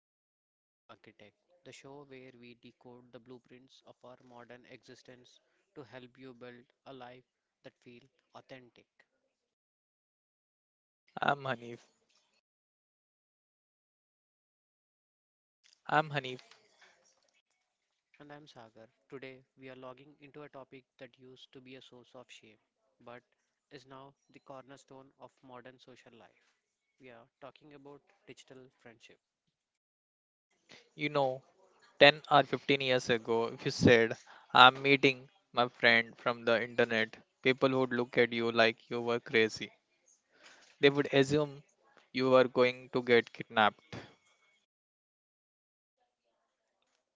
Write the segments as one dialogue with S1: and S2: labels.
S1: listening to The Life Architect, the show where we decode the blueprints of our modern existence to help you build a life that feels authentic.
S2: I'm Hanif. I'm Hanif.
S1: And I'm Sagar. Today we are logging into a topic that used to be a source of shame, but is now the cornerstone of modern social life. We are talking about digital friendship.
S2: You know, 10 or 15 years ago, if you said, I'm meeting my friend from the internet, people would look at you like you were crazy. They would assume you were going to get kidnapped.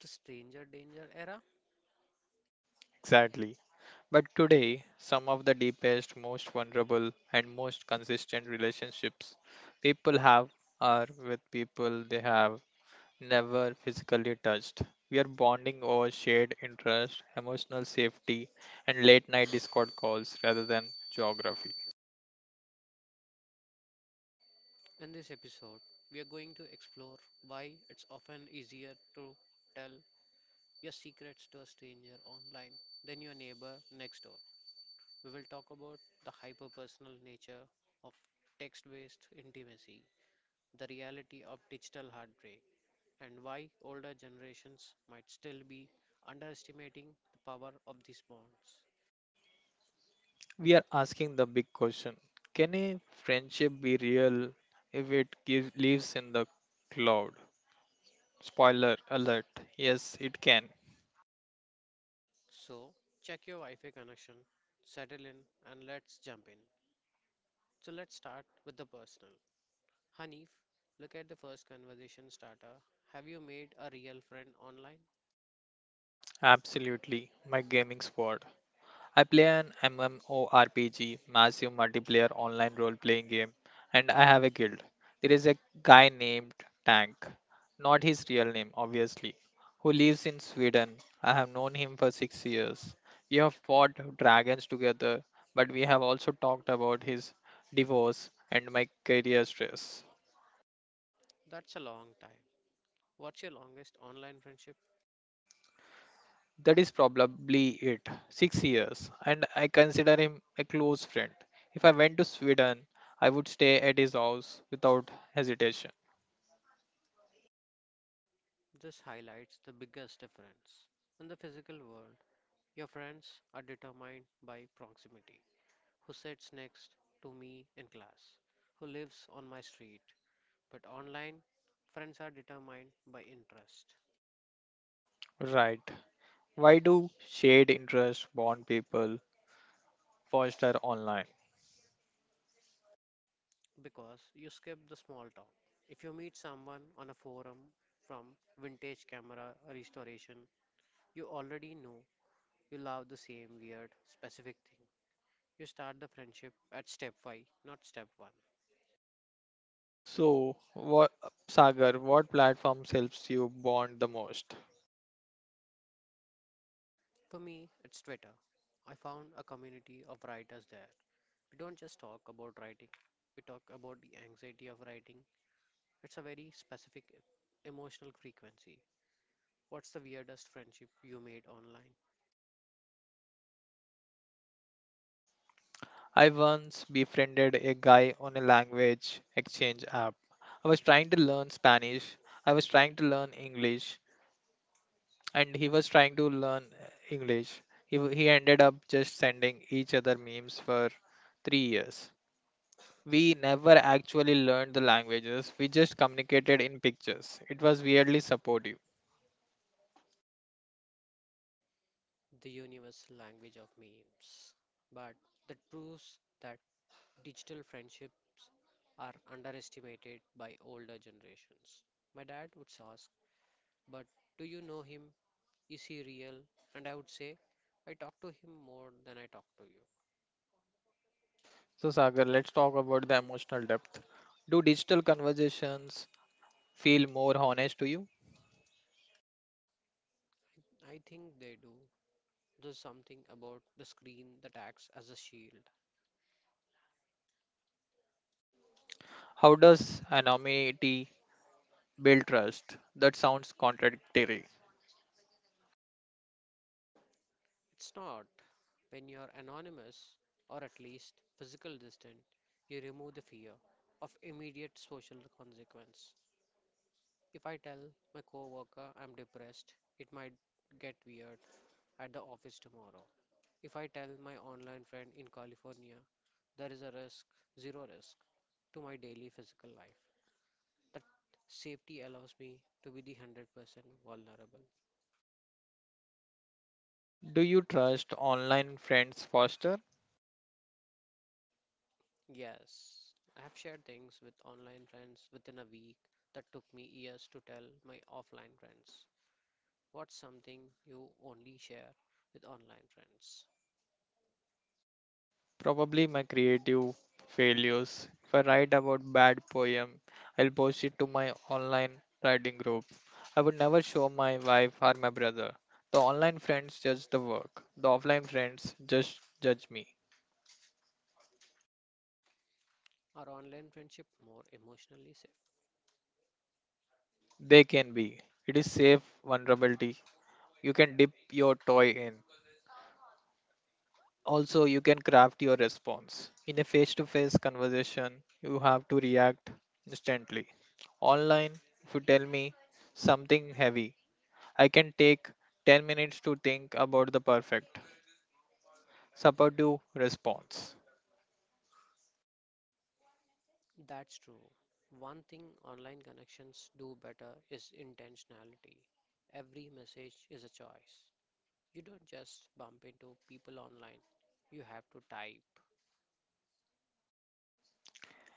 S1: The stranger danger era?
S2: Exactly. But today, some of the deepest, most vulnerable, and most consistent relationships people have are with people they have never physically touched. We are bonding over shared interest, emotional safety, and late night Discord calls rather than geography.
S1: In this episode, we are going to explore why it's often easier to tell your secrets to a stranger online, then your neighbor next door. We will talk about the hyperpersonal nature of text based intimacy, the reality of digital heartbreak, and why older generations might still be underestimating the power of these bonds.
S2: We are asking the big question: can a friendship be real if lives in the cloud? Spoiler alert, yes, it can.
S1: So, check your Wi Fi connection, settle in, and let's jump in. So, let's start with the personal. Hanif, look at the first conversation starter. Have you made a real friend online?
S2: Absolutely, my gaming squad. I play an MMORPG, massive multiplayer online role playing game, and I have a guild. There is a guy named Tank, not his real name, obviously, who lives in Sweden. I have known him for 6 years. We have fought dragons together, but we have also talked about his divorce and my career stress.
S1: That's a long time. What's your longest online friendship?
S2: That is probably it. 6 years, and I consider him a close friend. If I went to Sweden, I would stay at his house without hesitation.
S1: This highlights the biggest difference. In the physical world, your friends are determined by proximity. Who sits next to me in class? Who lives on my street? But online, friends are determined by interest
S2: Right. Why do shared interests bond people foster online?
S1: because you skip the small talk. If you meet someone on a forum from vintage camera restoration, you already know you love the same weird, specific thing. You start the friendship at step 5, not step 1.
S2: So, what, Sagar, what platforms helps you bond the most?
S1: For me, it's Twitter. I found a community of writers there. We don't just talk about writing, we talk about the anxiety of writing. It's a very specific emotional frequency. What's the weirdest friendship you made online?
S2: I once befriended a guy on a language exchange app. I was trying to learn Spanish. I was trying to learn English, and he was trying to learn English. He ended up just sending each other memes for 3 years. We never actually learned the languages, we just communicated in pictures. It was weirdly supportive.
S1: The universal language of memes. But that proves that digital friendships are underestimated by older generations. My dad would ask, but do you know him? Is he real? And I would say, I talk to him more than I talk to you.
S2: So, Sagar, let's talk about the emotional depth. Do digital conversations feel more honest to you?
S1: I think they do. There's something about the screen that acts as a shield.
S2: How does anonymity build trust? That sounds contradictory.
S1: It's not. When you're anonymous, or at least physical distant, you remove the fear of immediate social consequence. If I tell my coworker I'm depressed, it might get weird at the office tomorrow. If I tell my online friend in California, there is a risk, zero risk to my daily physical life. That safety allows me to be the 100% vulnerable.
S2: Do you trust online friends faster?
S1: Yes, I have shared things with online friends within a week that took me years to tell my offline friends. What's something you only share with online friends?
S2: Probably my creative failures. If I write about bad poem, I'll post it to my online writing group. I would never show my wife or my brother. The online friends judge the work. The offline friends just judge me.
S1: Are online friendship more emotionally safe?
S2: They can be. It is safe vulnerability. You can dip your toy in. Also, you can craft your response. In a face to face conversation, you have to react instantly. Online, if you tell me something heavy, I can take 10 minutes to think about the perfect, supportive response.
S1: That's true. One thing online connections do better is intentionality. Every message is a choice. You don't just bump into people online. You have to type.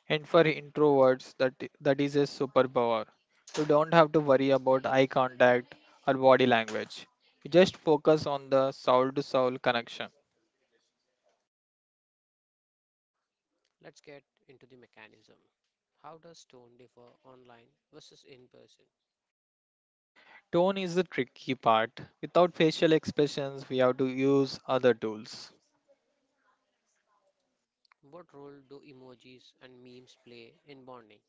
S2: And for introverts, that is a superpower. You don't have to worry about eye contact or body language. You just focus on the soul to soul connection.
S1: Let's get into the mechanism. How does tone differ online versus in person?
S2: Tone is the tricky part. Without facial expressions, we have to use other tools.
S1: What role do emojis and memes play in bonding?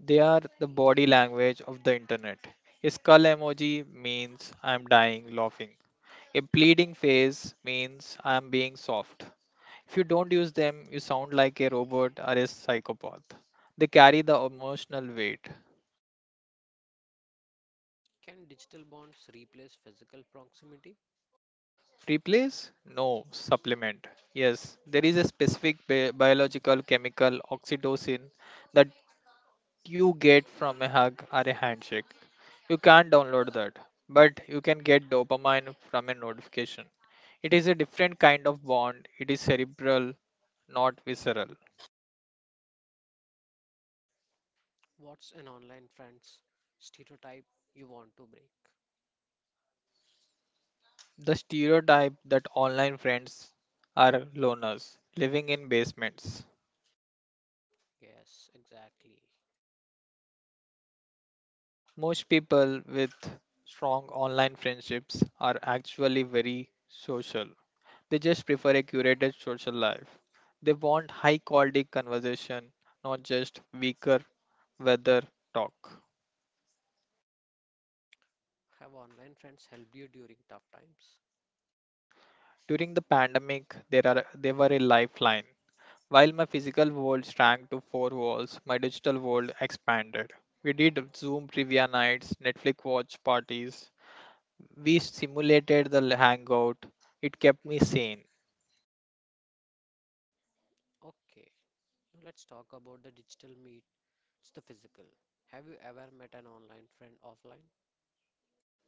S2: They are the body language of the internet. A skull emoji means I'm dying laughing. A pleading phase means I'm being soft. If you don't use them, you sound like a robot or a psychopath. They carry the emotional weight.
S1: Can digital bonds replace physical proximity?
S2: Replace? No, supplement. Yes, there is a specific biological chemical oxytocin that you get from a hug or a handshake. You can't download that, but you can get dopamine from a notification. It is a different kind of bond, it is cerebral, not visceral.
S1: What's an online friend's stereotype you want to break?
S2: The stereotype that online friends are loners living in basements.
S1: Yes, exactly.
S2: Most people with strong online friendships are actually very social. They just prefer a curated social life. They want high quality conversation, not just weaker weather talk.
S1: Have online friends helped you during tough times?
S2: During the pandemic, there are they were a lifeline. While my physical world shrank to four walls, my digital world expanded. We did Zoom trivia nights, Netflix watch parties. We simulated the hangout. It kept me sane.
S1: Okay, now let's talk about the digital meet. It's the physical. Have you ever met an online friend offline?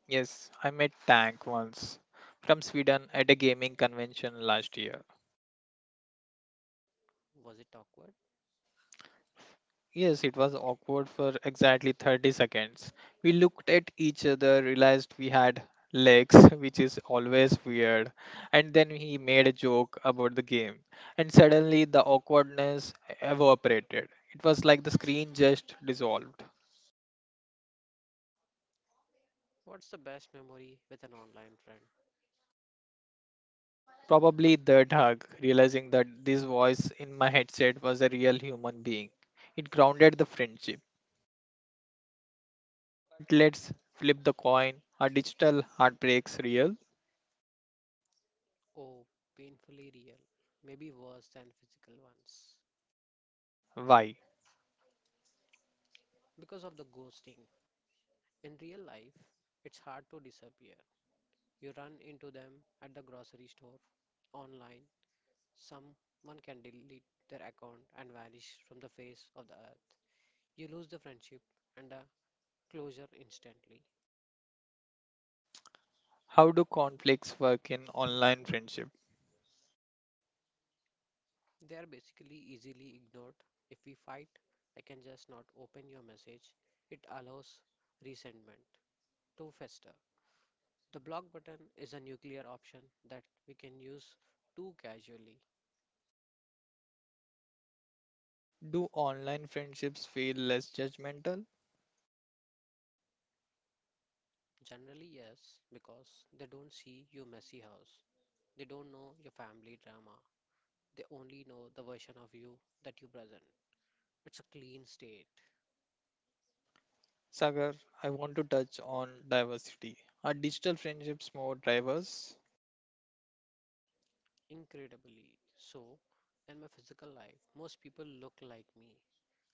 S2: Yes, I met Tank once from Sweden at a gaming convention last year.
S1: Was it awkward?
S2: Yes, it was awkward for exactly 30 seconds. We looked at each other, realized we had legs, which is always weird. And then he made a joke about the game. And suddenly the awkwardness evaporated. It was like the screen just dissolved.
S1: What's the best memory with an online friend?
S2: Probably the hug, realizing that this voice in my headset was a real human being. It grounded the friendship. But let's flip the coin. Are digital heartbreaks real?
S1: Oh, painfully real, maybe worse than physical ones.
S2: Why?
S1: Because of the ghosting. In real life, it's hard to disappear. You run into them at the grocery store, online. Someone can delete their account and vanish from the face of the earth. You lose the friendship and the closure instantly.
S2: How do conflicts work in online friendship?
S1: They are basically easily ignored. If we fight, I can just not open your message. It allows resentment to fester. The block button is a nuclear option that we can use too casually.
S2: Do online friendships feel less judgmental?
S1: Generally, yes, because they don't see your messy house. They don't know your family drama. They only know the version of you that you present. It's a clean state,
S2: Sagar, I want to touch on diversity. Are digital friendships more diverse?
S1: incredibly so. In my physical life, most people look like me,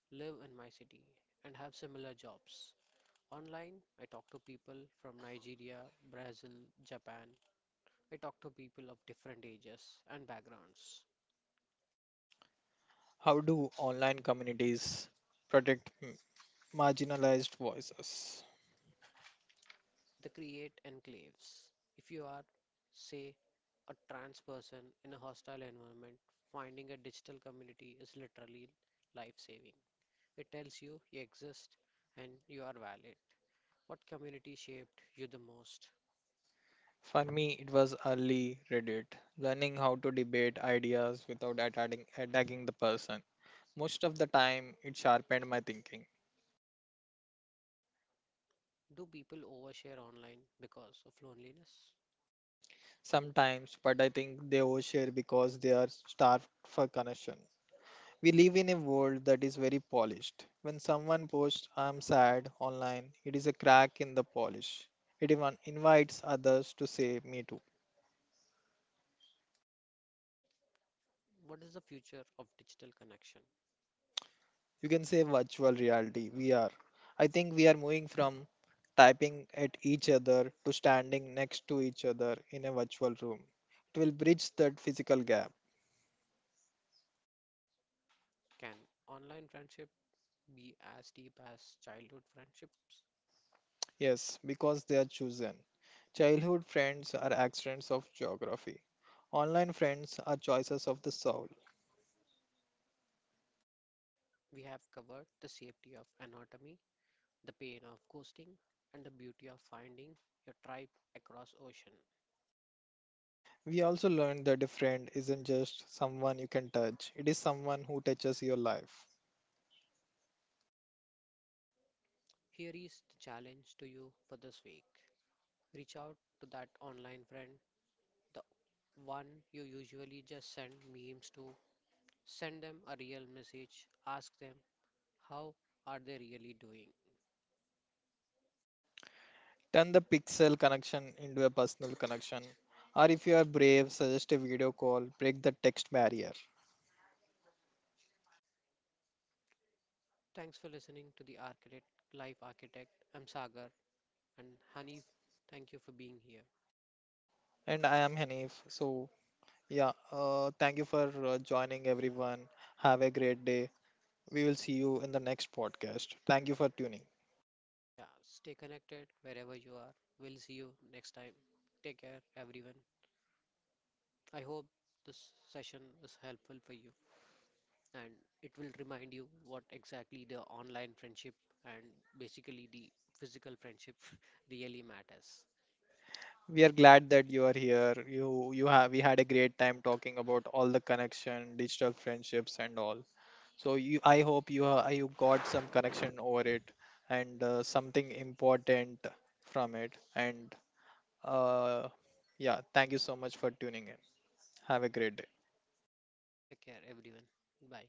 S1: live in my city, and have similar jobs. Online, I talk to people from Nigeria, Brazil, Japan, I talk to people of different ages and backgrounds.
S2: How do online communities protect marginalized voices?
S1: They create enclaves. If you are, say, a trans person in a hostile environment, finding a digital community is literally life saving. It tells you you exist and you are valid. What community shaped you the most?
S2: For me, it was early Reddit, learning how to debate ideas without attacking the person. Most of the time, it sharpened my thinking.
S1: Do people overshare online because of loneliness?
S2: Sometimes, but I think they overshare because they are starved for connection. We live in a world that is very polished. When someone posts I'm sad online, it is a crack in the polish. It even invites others to say me too.
S1: What is the future of digital connection?
S2: You can say virtual reality, VR. I think we are moving from typing at each other to standing next to each other in a virtual room. It will bridge that physical gap.
S1: Can online friendship be as deep as childhood friendships?
S2: Yes, because they are chosen. Childhood friends are accidents of geography. Online friends are choices of the soul.
S1: We have covered the safety of anatomy, the pain of ghosting, and the beauty of finding your tribe across ocean.
S2: We also learned that a friend isn't just someone you can touch, it is someone who touches your life.
S1: Here is the challenge to you for this week. Reach out to that online friend, the one you usually just send memes to. Send them a real message. Ask them how are they really doing.
S2: Turn the pixel connection into a personal connection. Or if you are brave, suggest a video call, break the text barrier.
S1: Thanks for listening to the Architect Life Architect. I'm Sagar and Hanif. Thank you for being here.
S2: And I am Hanif. So, yeah, thank you for joining everyone. Have a great day. We will see you in the next podcast. Thank you for tuning.
S1: Yeah, stay connected wherever you are. We'll see you next time. Take care, everyone. I hope this session is helpful for you and it will remind you what exactly the online friendship and basically the physical friendship really matters.
S2: We are glad that you are here. You have we had a great time talking about all the connection, digital friendships, and all. I hope you got some connection over it and something important from it. And uh, yeah, thank you so much for tuning in. Have a great day.
S1: Take care, everyone. Bye.